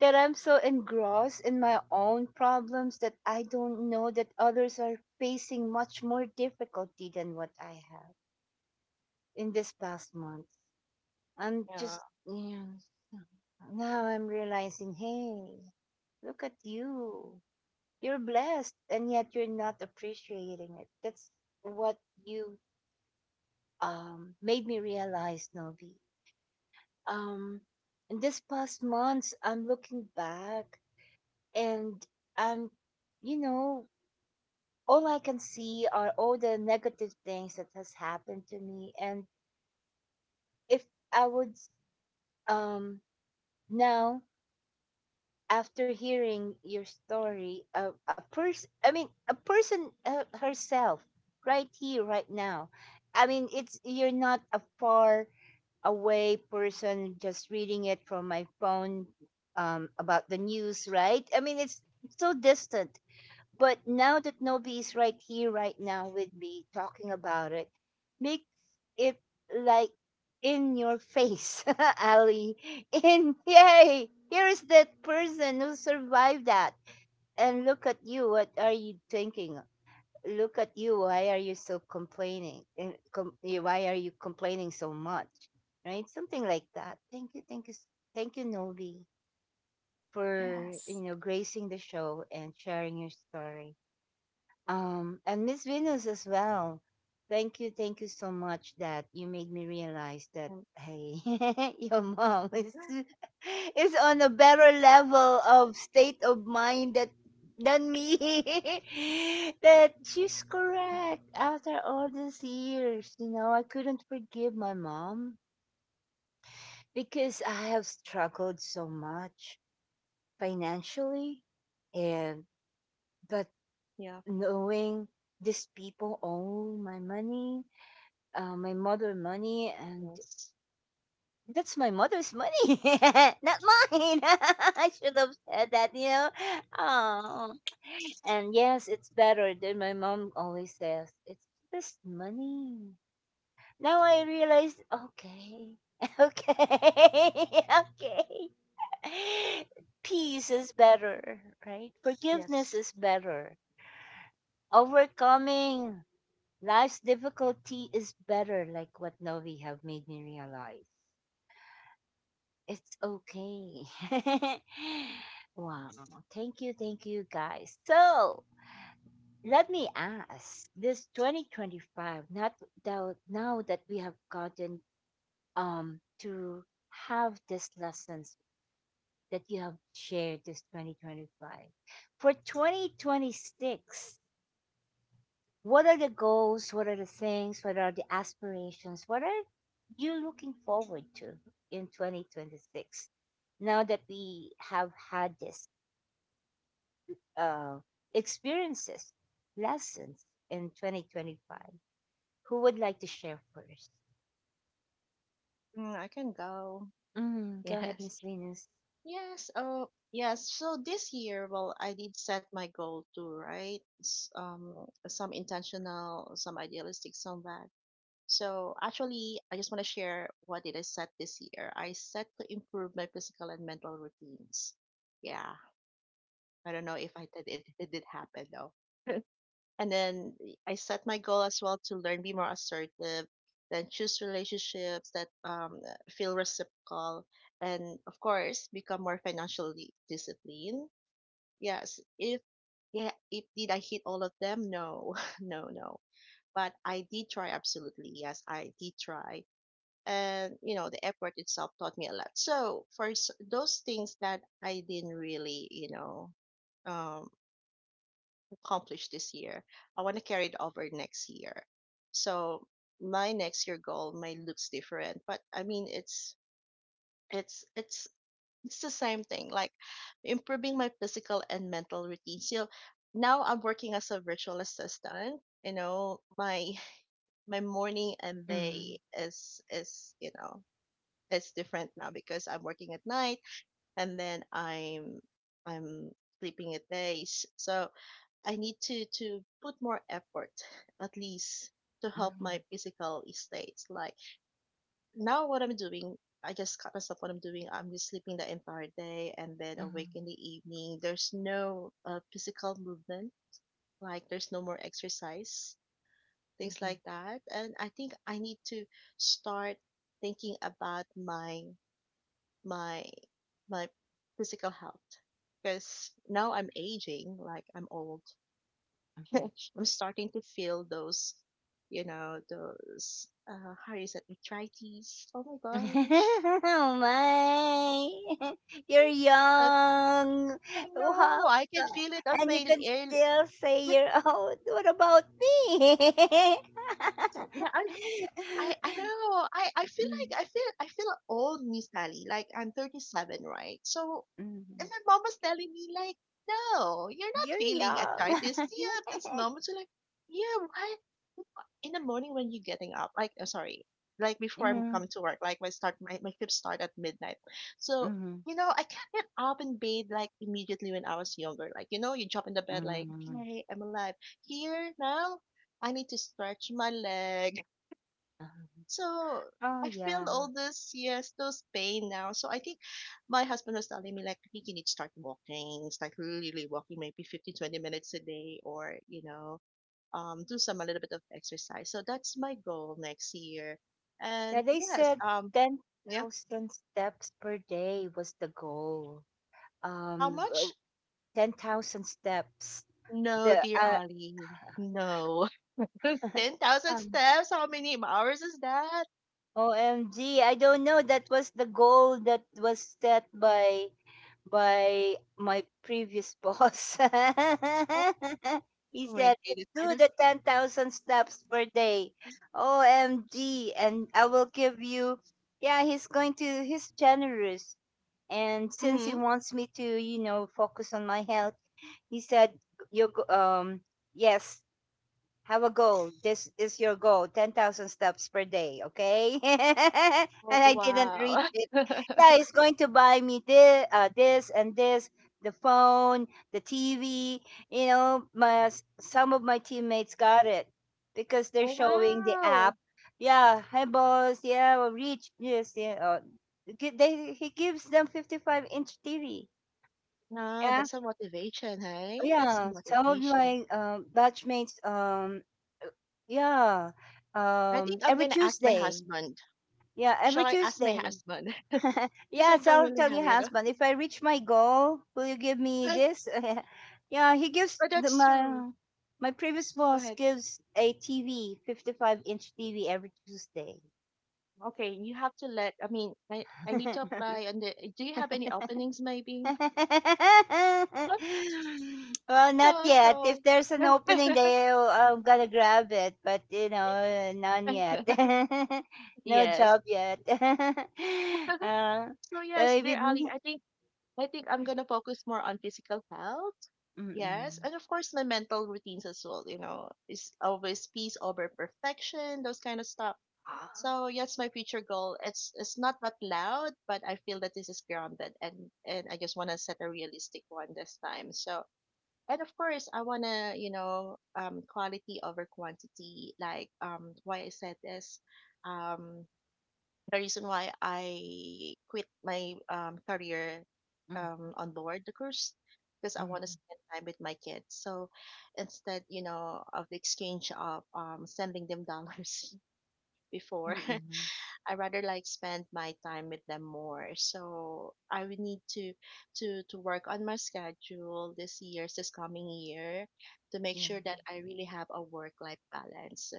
that I'm so engrossed in my own problems that I don't know that others are facing much more difficulty than what I have in this past month. I'm
yeah.
just you know, Now I'm realizing, hey, look at you. You're blessed and yet you're not appreciating it. That's what you made me realize, Novi. Um in this past months I'm looking back, and I'm you know, all I can see are all the negative things that has happened to me. And if I would, um now, after hearing your story, a person, I mean, a person, herself, right here, right now. I mean, it's you're not a far away person just reading it from my phone, about the news, right? I mean, it's so distant. But now that Novi is right here, right now with me talking about it, makes it like in your face, Ali. In yay, here is that person who survived that. And look at you. What are you thinking? Look at you. Why are you so complaining? And why are you complaining so much? Right? Something like that. Thank you. Thank you. Thank you, Novi, for
Yes,
gracing the show and sharing your story. And Miss Venus as well. Thank you so much that you made me realize that
um,
hey, your mom is is on a better level of state of mind that than me. That she's correct after all these years. You know, I couldn't forgive my mom because I have struggled so much financially, and but
Yeah.
knowing these people owe my money, my mother money, and
Yes.
that's my mother's money, not mine. I should have said that. Oh, and yes, it's better than my mom always says. It's just money. Now I realize, okay, okay, okay. Peace is better, right? Forgiveness
Yes.
is better. Overcoming life's difficulty is better, like what Novi have made me realize. It's okay. Wow. Thank you guys. So let me ask, this 2025, not that, now that we have gotten, to have these lessons that you have shared this 2025. For 2026, what are the goals? What are the things? What are the aspirations? What are you're looking forward to in 2026, now that we have had this, uh, experiences, lessons in 2025? Who would like to share first?
I can go.
Mm, go ahead,
Yes.
Miss Venus.
Yes. Oh, yes. So this year, well, I did set my goal too, right? Some intentional, some idealistic, some bad. So actually, I just want to share what did I set this year. I set to improve my physical and mental routines. Yeah. I don't know if I did it. It did happen though. And then I set my goal as well to learn, be more assertive, then choose relationships that feel reciprocal, and of course, become more financially disciplined. Yes, if did I hit all of them? No, no, no. But I did try absolutely. Yes, I did try, and the effort itself taught me a lot. So for those things that I didn't really, um, accomplished this year. I want to carry it over next year. So my next year goal might looks different, but I mean it's it's it's the same thing. Like improving my physical and mental routine. So now I'm working as a virtual assistant. My morning and
Mm-hmm.
day is it's different now because I'm working at night, and then I'm sleeping at days. So I need to put more effort, at least to help
Mm-hmm.
my physical state. Like now what I'm doing, I just cut myself what I'm doing. I'm just sleeping the entire day and then
Mm-hmm.
awake in the evening. There's no physical movement, like there's no more exercise, things like that. And I think I need to start thinking about my my physical health because now I'm aging, like I'm old.
Mm-hmm.
I'm starting to feel those, those, how is it, arthritis? Oh my gosh,
Oh my, you're
I
young.
don't
Wow.
know. I can feel it on
And you
my
can
ear.
still say
Like,
you're old. What about me?
yeah, I know. I feel
Mm.
like I feel old, Miss Ali. Like I'm 37, right? So
Mhm.
And my mom was telling me, like, no, you're
You're
not feeling
young.
arthritis. See you at this moment. So, like, yeah, why? In the morning when you're getting up, like, sorry, like before I'm
Mhm.
come to work, like, my shift start at midnight. So,
Mhm.
I can't get up and bathe like immediately when I was younger. Like, you jump in the bed, like,
Mhm.
hey, I'm alive. Here now, I need to stretch my leg. So
Oh
I
yeah.
feel all this, yes, those pain now. So I think my husband was telling me, like, I think you need to start walking, start really, really walking, maybe 15, 20 minutes a day, or, do some a little bit of exercise. So that's my goal next year.
Yeah,
And
they
yes,
said
yeah,
10,000 steps per day was the goal.
how
Um, uh,
much?
10,000 steps.
No,
The
dear Ali, no. 10,000
Um,
steps, how many hours is that?
OMG, I don't know. That was the goal that was set by my previous boss. He
Oh my
said,
goodness, I
do
don't.
the 10,000 steps per day. OMG. And I will give you, yeah, he's going to, he's generous. And since he
Hmm.
wants me to, focus on my health, he said, you, go- um, yes, have a goal. This is your goal. 10,000 steps per day, okay?
Oh,
And I didn't reach
wow.
it. Yeah, it's going to buy me this, this and this, the phone, the TV. You know, my some of my teammates got it because they're
Oh,
showing the
wow.
app. Yeah, hi boss. Yeah, we reach this. Yeah, gi- they he gives them 55 inch TV.
Ah,
Yeah,
that's a motivation,
oh,
hey? That's a
yeah. Some of
motivation.
my batchmates, yeah.
I think I'm
Every
gonna ask my
Tuesday.
husband.
Yeah, every
Shall I ask my
Tuesday.
husband? Because I
Yes,
don't
I'll
really
tell
have,
your
you know.
husband, if I reach my goal, will you give me this? Yeah, he gives
But
the,
that's true.
my previous
Go
boss
ahead.
gives a TV, 55-inch TV every Tuesday.
Okay, you have to let. I mean, I need to apply. And do you have any openings, maybe?
Well, not
No,
yet.
so
If there's an opening, they I'm gonna grab it. But, none yet. No
yes.
job yet.
So
So
yes,
maybe.
dear Ali, I think I'm gonna focus more on physical health. Yes, and of course my mental routines as well, is always peace over perfection, those kind of stuff. So yes, my future goal. It's not that loud, but I feel that this is grounded, and I just wanna set a realistic one this time. So and of course I wanna, quality over quantity, like why I said this. Um the reason why I quit my career
Mm.
on board the cruise, because I want to
Mm.
spend time with my kids. So instead, of the exchange of sending them dollars before,
Mm-mm.
I rather like spend my time with them more. So I would need to work on my schedule this coming year, to make
Yeah.
sure that I really have a work life balance. So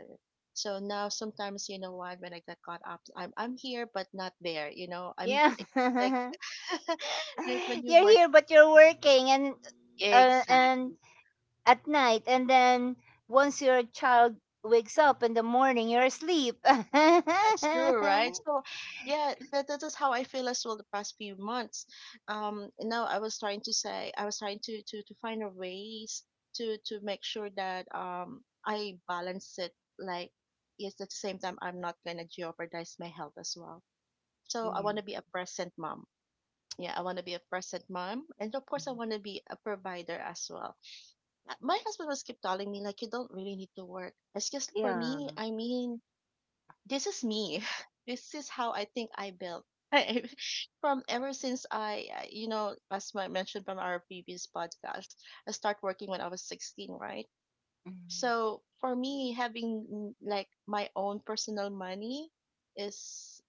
now sometimes, you know what, when I got caught up I'm here but not there. I'm
Yeah.
It's like right when you
You're
work.
here, but you're working, and
Exactly.
at night, and then once your child wakes up in the morning you're asleep.
That's true,
Yeah.
right? So, yeah, that is how I feel as well the past few months. I was trying to find a ways to make sure that I balance it. Like, yes, at the same time, I'm not gonna jeopardize my health as well. So I want to be a present mom. Yeah, I want to be a present mom, and of course, I want to be a provider as well. My husband was keep telling me like, you don't really need to work. It's just for me.
Yeah.
I mean, this is me. This is how I think I built. From ever since as I mentioned from our previous podcast, I start working when I was 16, right?
Mm.
So for me, having like my own personal money is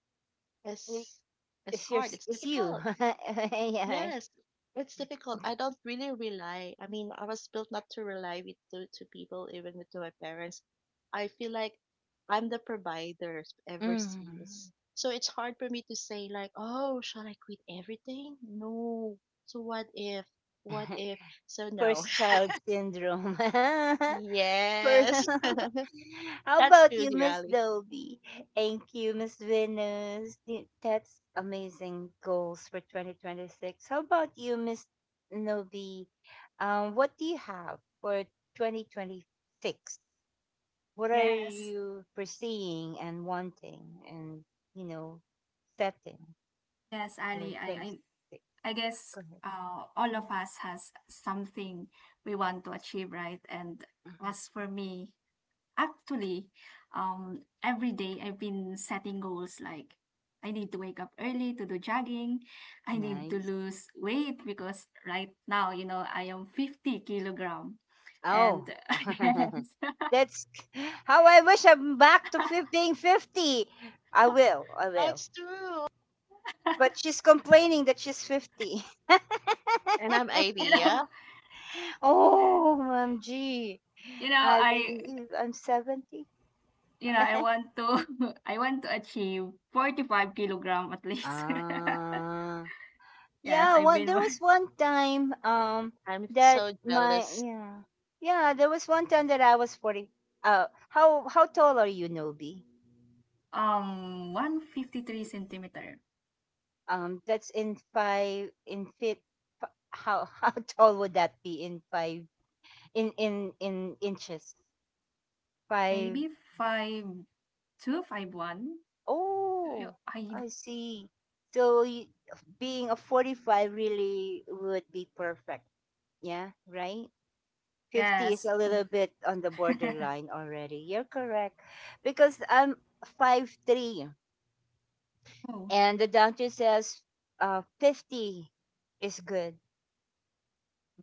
Y-
is is
it's your
hard. It's
it's you.
difficult.
Yeah.
Yes, it's difficult. I don't really rely. I mean, I was built not to rely with to people, even with to my parents. I feel like I'm the provider ever since.
Mm.
So it's hard for me to say like, oh, shall I quit everything? No. So what if? What if? So no.
First child syndrome. For
Yes,
How
that's
about
true,
you, Miss
Dirali.
Dolby? Thank you, Miss Venus. That's amazing goals for 2026. How about you, Miss Novi? What do you have for 2026? What are
yes.
you foreseeing and wanting and, you know, setting
Yes,
for
Ali,
2026?
I guess,
Go ahead.
all of us has something we want to achieve, right? And
Mhm.
as for me, actually, every day I've been setting goals like I need to wake up early to do jogging. I need to
Nice.
lose weight because right now, you know, I am 50 kilogram.
Oh.
And yes,
That's how I wish I'm back to being 50. I will, I will.
That's true.
But she's complaining that she's 50.
And I'm 80,
you know,
yeah?
Oh, OMG.
you know,
I
I,
believe I'm 70.
I want I want to achieve 45 kilogram at least.
Ah.
Yes,
Yeah,
I've
one
been
there
one
was one time,
I'm
that
so
my
jealous.
yeah. Yeah, there was one time that I was 40. How tall are you, Nobi?
153 centimeter,
That's in 5 in fit, how how tall would that be in 5, in inches, five.
maybe 5 2 5 1.
Oh,
I,
I see. So being a 45 really would be perfect, yeah, right. 50 is
yes.
a little bit on the borderline already, you're correct, because I'm 5'3",
Oh
and the doctor says, 50 is good,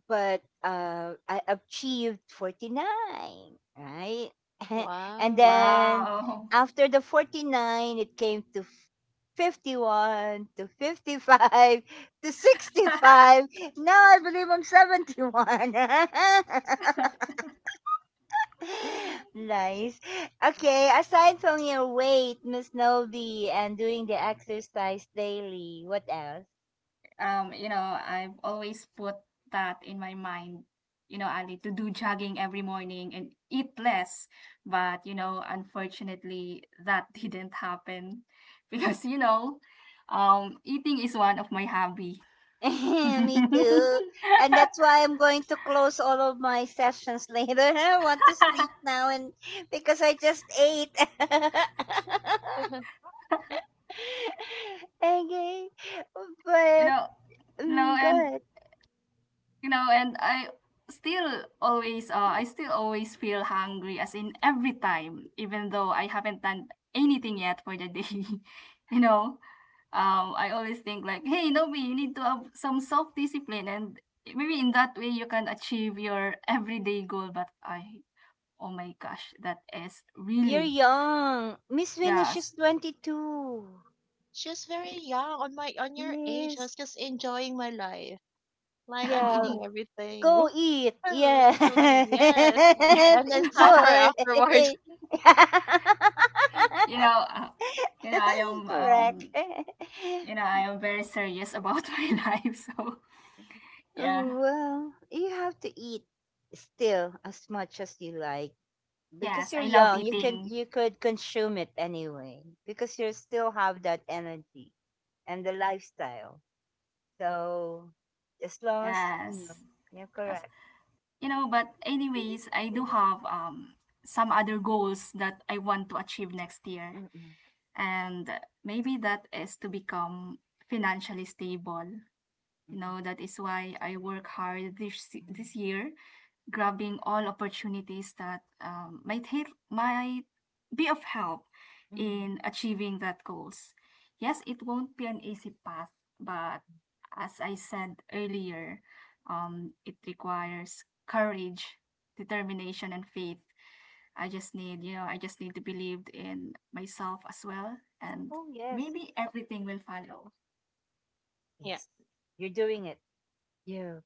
but I achieved 49, right? and
Wow.
then
wow.
after the 49, it came to 51, to 55, to 65. Now I believe I'm 71. nice. Okay, aside from your weight, Miss Novi, and doing the exercise daily, what else?
You know, I've always put that in my mind. You know, Ali, to do jogging every morning and eat less. But you know, unfortunately, that didn't happen because eating is one of my hobby.
Me too. And that's why I'm going to close all of my sessions later. I want to sleep now and because I just ate. okay.
you
But
know you know
go
and
ahead.
and I still always feel hungry, as in every time even though I haven't done anything yet for the day. you know I always think like, hey Nobi, you need to have some self discipline, and maybe in that way you can achieve your everyday goal, but I oh my gosh, that is
You're
really,
young. Miss Venus, she's
yes.
22.
She's very young on my on your age. I
Yes.
was just enjoying my life. Like I'm
Yeah.
eating
Go
everything.
eat. Yeah.
Literally, yes.
yeah,
And then suffer
Enjoy.
afterwards.
you know uh, you know I am
Correct.
you know, I am very serious about my life. So, yeah.
Well, you have to eat still as much as you like because
Yes,
you're
I love
young. You can
eating.
you could consume it anyway because you still have that energy and the lifestyle. So as long as you know,
Yes.
you're
Yes.
correct.
You know, but
It
anyways,
is
I do
good.
have some other goals that I want to achieve next year.
Mm-mm, mm-mm,
And maybe that is to become financially stable. You
mm
know, that is why I work hard this year, grabbing all opportunities that, might be of help
mm, mm.
in achieving that goals. Yes, it won't be an easy path, but as I said earlier, it requires courage, determination, and faith. I just need to believe in myself as well, and
Oh yes,
maybe everything will follow.
Yeah.
yes, you're doing it. You're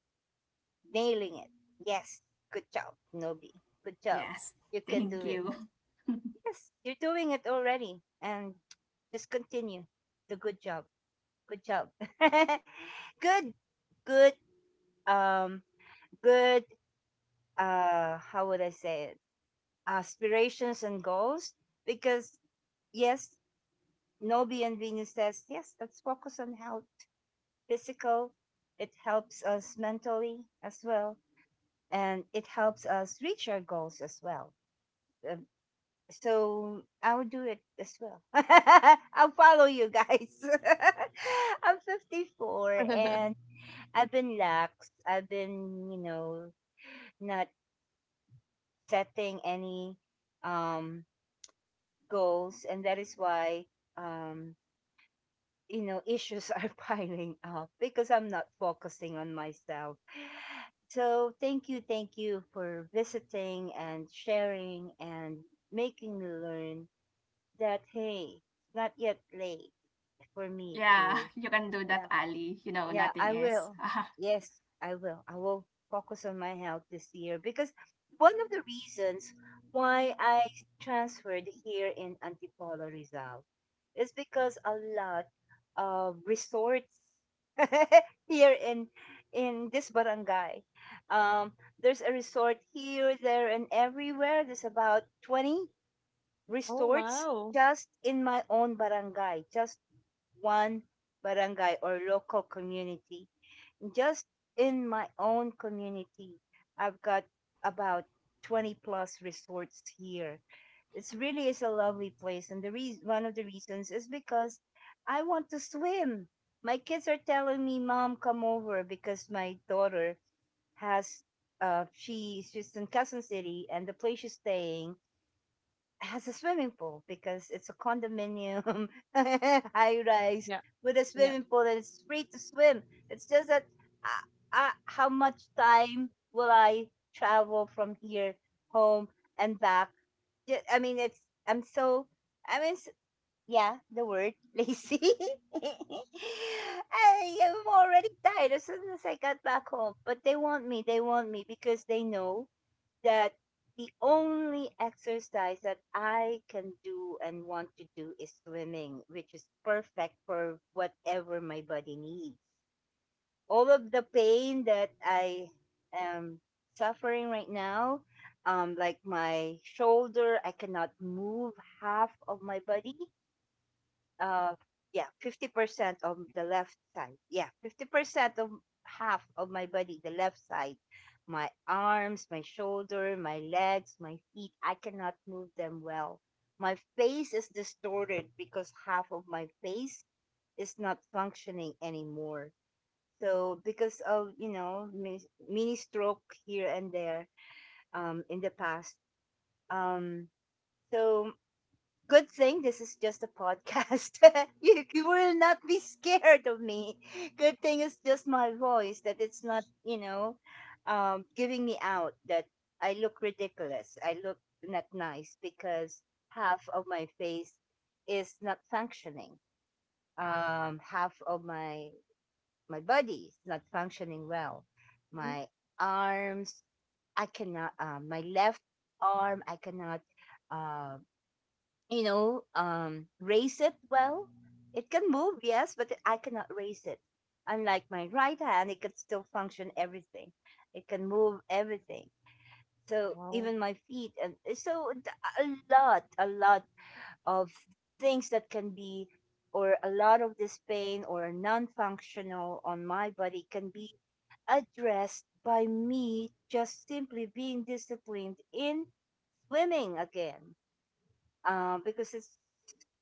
nailing it. Yes, good job, Nobi. Good job.
Yes,
You can
thank
do it.
you.
Yes, you're doing it already. And just continue the good job. Good job. good, good, um, good, how would I say it? Aspirations and goals. Because, yes, Nobi and Venus says, yes, let's focus on health, physical. It helps us mentally as well. And it helps us reach our goals as well. Uh, So I will do it as well. I'll follow you guys. I'm 54 and I've been lax. I've been, not setting any um, goals. And that is why, um, issues are piling up because I'm not focusing on myself. So thank you for visiting and sharing and making me learn that hey, it's not yet late for me
Yeah,
to.
you can do that,
Yeah,
Ali. You know,
yeah,
nothing
I
is.
will. Yes, I will. I will focus on my health this year because one of the reasons why I transferred here in Antipolo Rizal is because a lot of resorts here in this barangay. Um, there's a resort here, there, and everywhere. There's about 20
Oh,
resorts
wow.
just in my own barangay, just one barangay or local community. Just in my own community, I've got about 20 plus resorts here. It's really is a lovely place, and the reason one of the reasons is because I want to swim. My kids are telling me, "Mom, come over," because my daughter has she she's in Quezon City, and the place she's staying has a swimming pool because it's a condominium, high rise
Yeah.
with a
Yeah.
swimming pool, and it's free to swim. It's just that, how much time will I travel from here home and back? I mean, it's I'm so I mean, yeah, the word lazy. I am already tired as soon as I got back home, but they want me. They want me because they know that the only exercise that I can do and want to do is swimming, which is perfect for whatever my body needs. All of the pain that I am suffering right now, like my shoulder, I cannot move half of my body, uh yeah, 50% of the left side, yeah, 50% of half of my body, the left side. My arms, my shoulder, my legs, my feet, I cannot move them well. My face is distorted because half of my face is not functioning anymore. So because of, mini stroke here and there, in the past. um so Good thing this is just a podcast. You will not be scared of me. Good thing it's just my voice that it's not, giving me out that I look ridiculous. I look not nice because half of my face is not functioning. Half of my body is not functioning well.
Mm.
My arms, I cannot. My left arm, I cannot uh, raise it well. It can move, yes, but I cannot raise it. Unlike my right hand, it could still function everything. It can move everything. So
Wow.
even my feet. And a lot of things that can be, or a lot of this pain or non-functional on my body can be addressed by me just simply being disciplined in swimming again, because it's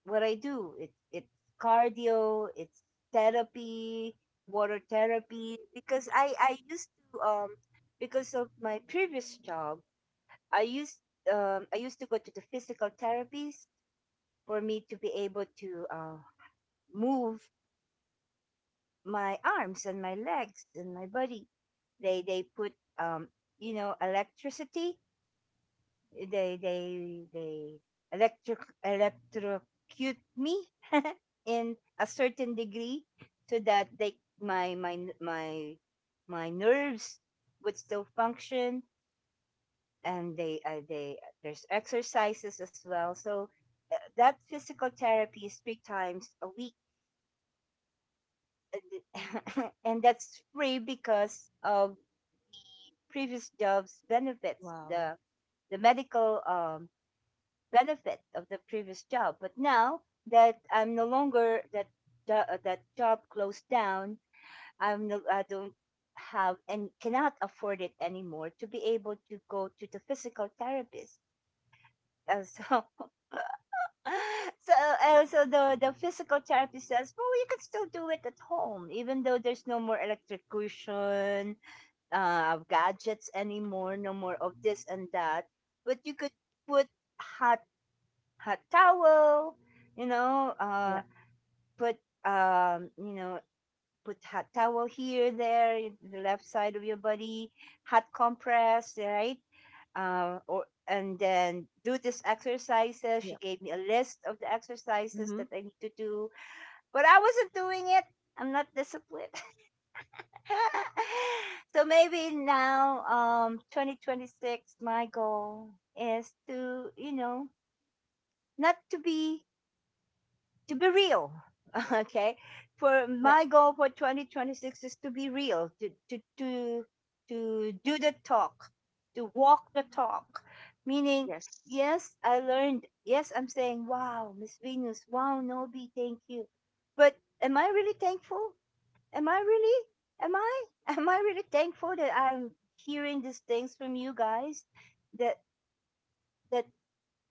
what I do. It's cardio, it's therapy, water therapy. Because I used to, because of my previous job, I used I used to go to the physical therapies for me to be able to move my arms and my legs and my body. They put electricity. They electric electrocute me in a certain degree so that they my my nerves would still function. And they there's exercises as well, so that physical therapy is three times a week. and that's free because of previous jobs benefits,
Wow.
the medical benefit of the previous job. But now that I'm no longer that, that job closed down. I don't have and cannot afford it anymore to be able to go to the physical therapist. And so, so and so the physical therapist says, well, you can still do it at home, even though there's no more electrocution, gadgets anymore, no more of this and that. But you could put hot hot towel, you know, uh, put, um, you know, put hot towel here, there, the left side of your body, hot compress, right? Or and then do these exercises. She gave me a list of the exercises
Mm-hmm.
that I need to do, but I wasn't doing it. I'm not disciplined. so maybe now, 2026, my goal is to, not to be, real. okay, for
Yeah.
my goal for 2026 is to be real, to do the talk to walk the talk, meaning
Yes.
yes, I learned. Yes, I'm saying, wow, Miss Venus, wow, Nobi, thank you. But am I really thankful? Am I really am I am I really thankful that I'm hearing these things from you guys, that that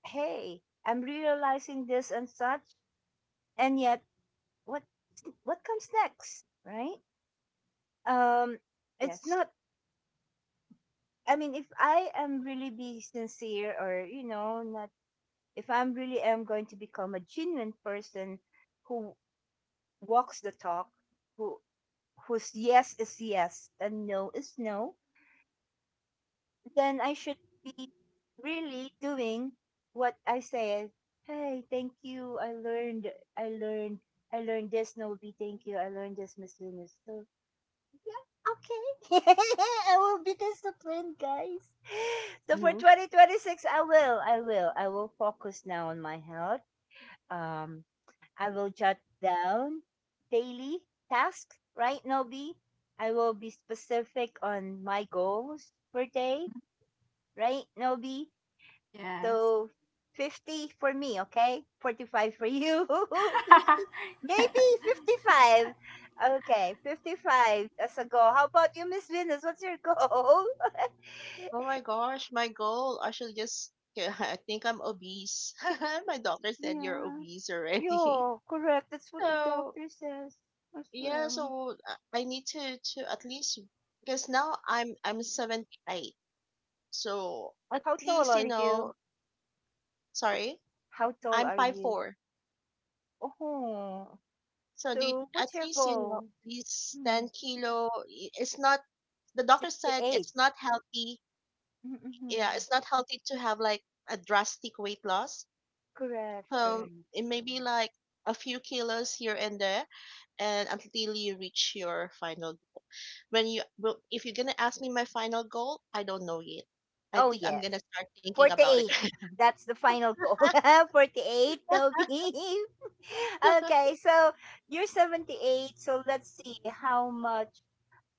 hey, I'm realizing this and such. And yet, what what comes next, right? Um, it's
Yes.
not. I mean, if I am really be sincere, or not if I'm really am going to become a genuine person who walks the talk, who whose yes is yes and no is no, then I should be really doing what I say. Hey, thank you. I learned. I learned. I learned this, Nobi. Thank you. I learned this, Miss Venus. So, okay. I will be disciplined, guys. So for
Mm-hmm.
2026, I will. I will. I will focus now on my health. Um, I will jot down daily tasks, right, Nobi? I will be specific on my goals per day, right, Nobi?
Yes.
So 50 for me, okay? 45 for you. 50,
Yes.
maybe 55. Okay, 55 as a goal. How about you, Miss Venus? What's your goal?
Oh my gosh, my goal. I should just I think I'm obese. My doctor said you're
yeah.
obese already.
Yeah, correct. That's what the
So
doctor says as
yeah,
well.
I need to at least, because now I'm 78. So at
How
least,
tall are you?
sorry,
How tall
I'm
are
five
you?
four
Oh,
So the
so
at
what's your
least,
goal?
at least 10
Hmm.
kilo, it's not. The doctor said
68.
it's not healthy. Yeah,
Mm-hmm.
it's not healthy to have like a drastic weight loss,
Correct,
so
correct.
it may be like a few kilos here and there, and until you reach your final, when you well, if you're gonna ask me my final goal, I don't know yet. I
Oh,
think I'm
yeah.
gonna start thinking about it.
48. That's the final goal. 48, no beef. Okay, so you're 78. So let's see how much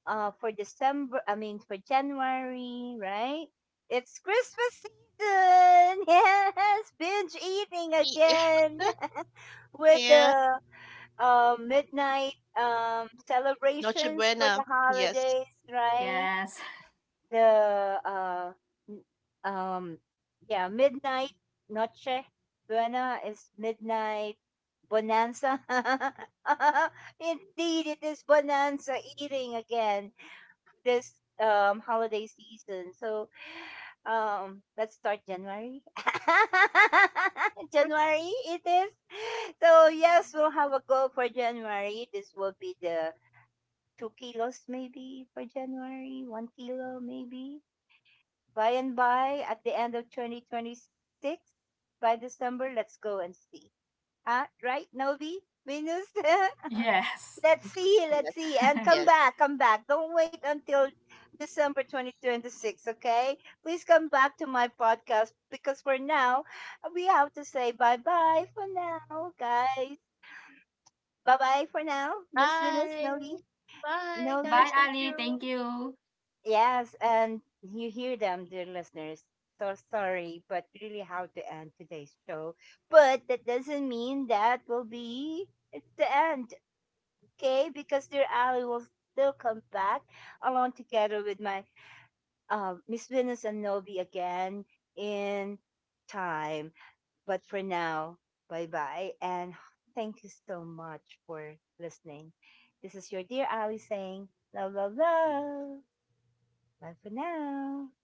for December, I mean for January, right? It's Christmas season. Yes, binge eating
Yeah.
again with
Yeah.
the midnight
Noche
celebrations for
buena.
the
Yes.
holidays, right?
Yes.
The n- um yeah, midnight, Noche Buena is midnight bonanza. indeed, it is bonanza eating again this holiday season, so let's start January. january it is. So yes, we'll have a goal for January. This will be the 2 kilos maybe for January, 1 kilo maybe, by and by, at the end of 2026, by December, let's go and see. Huh? Right, Novi? Venus?
Yes.
let's
Mm-hmm.
see, let's
Yes.
see. And come
Yes.
back, come back. Don't wait until December 2026, okay? Please come back to my podcast because for now, we have to say bye bye for now, guys. Bye bye for now, Miss Venus,
Bye.
Novi.
Bye,
Novi.
Bye,
guys. Thank
Ali.
you.
Thank you.
Yes, and you hear them, dear listeners. So sorry, but really how to end today's show. But that doesn't mean that will be it's the end, okay? Because dear Ali will still come back along together with my, Miss Venus and Novi again in time. But for now, bye bye, and thank you so much for listening. This is your dear Ali saying love, love, love. Bye for now.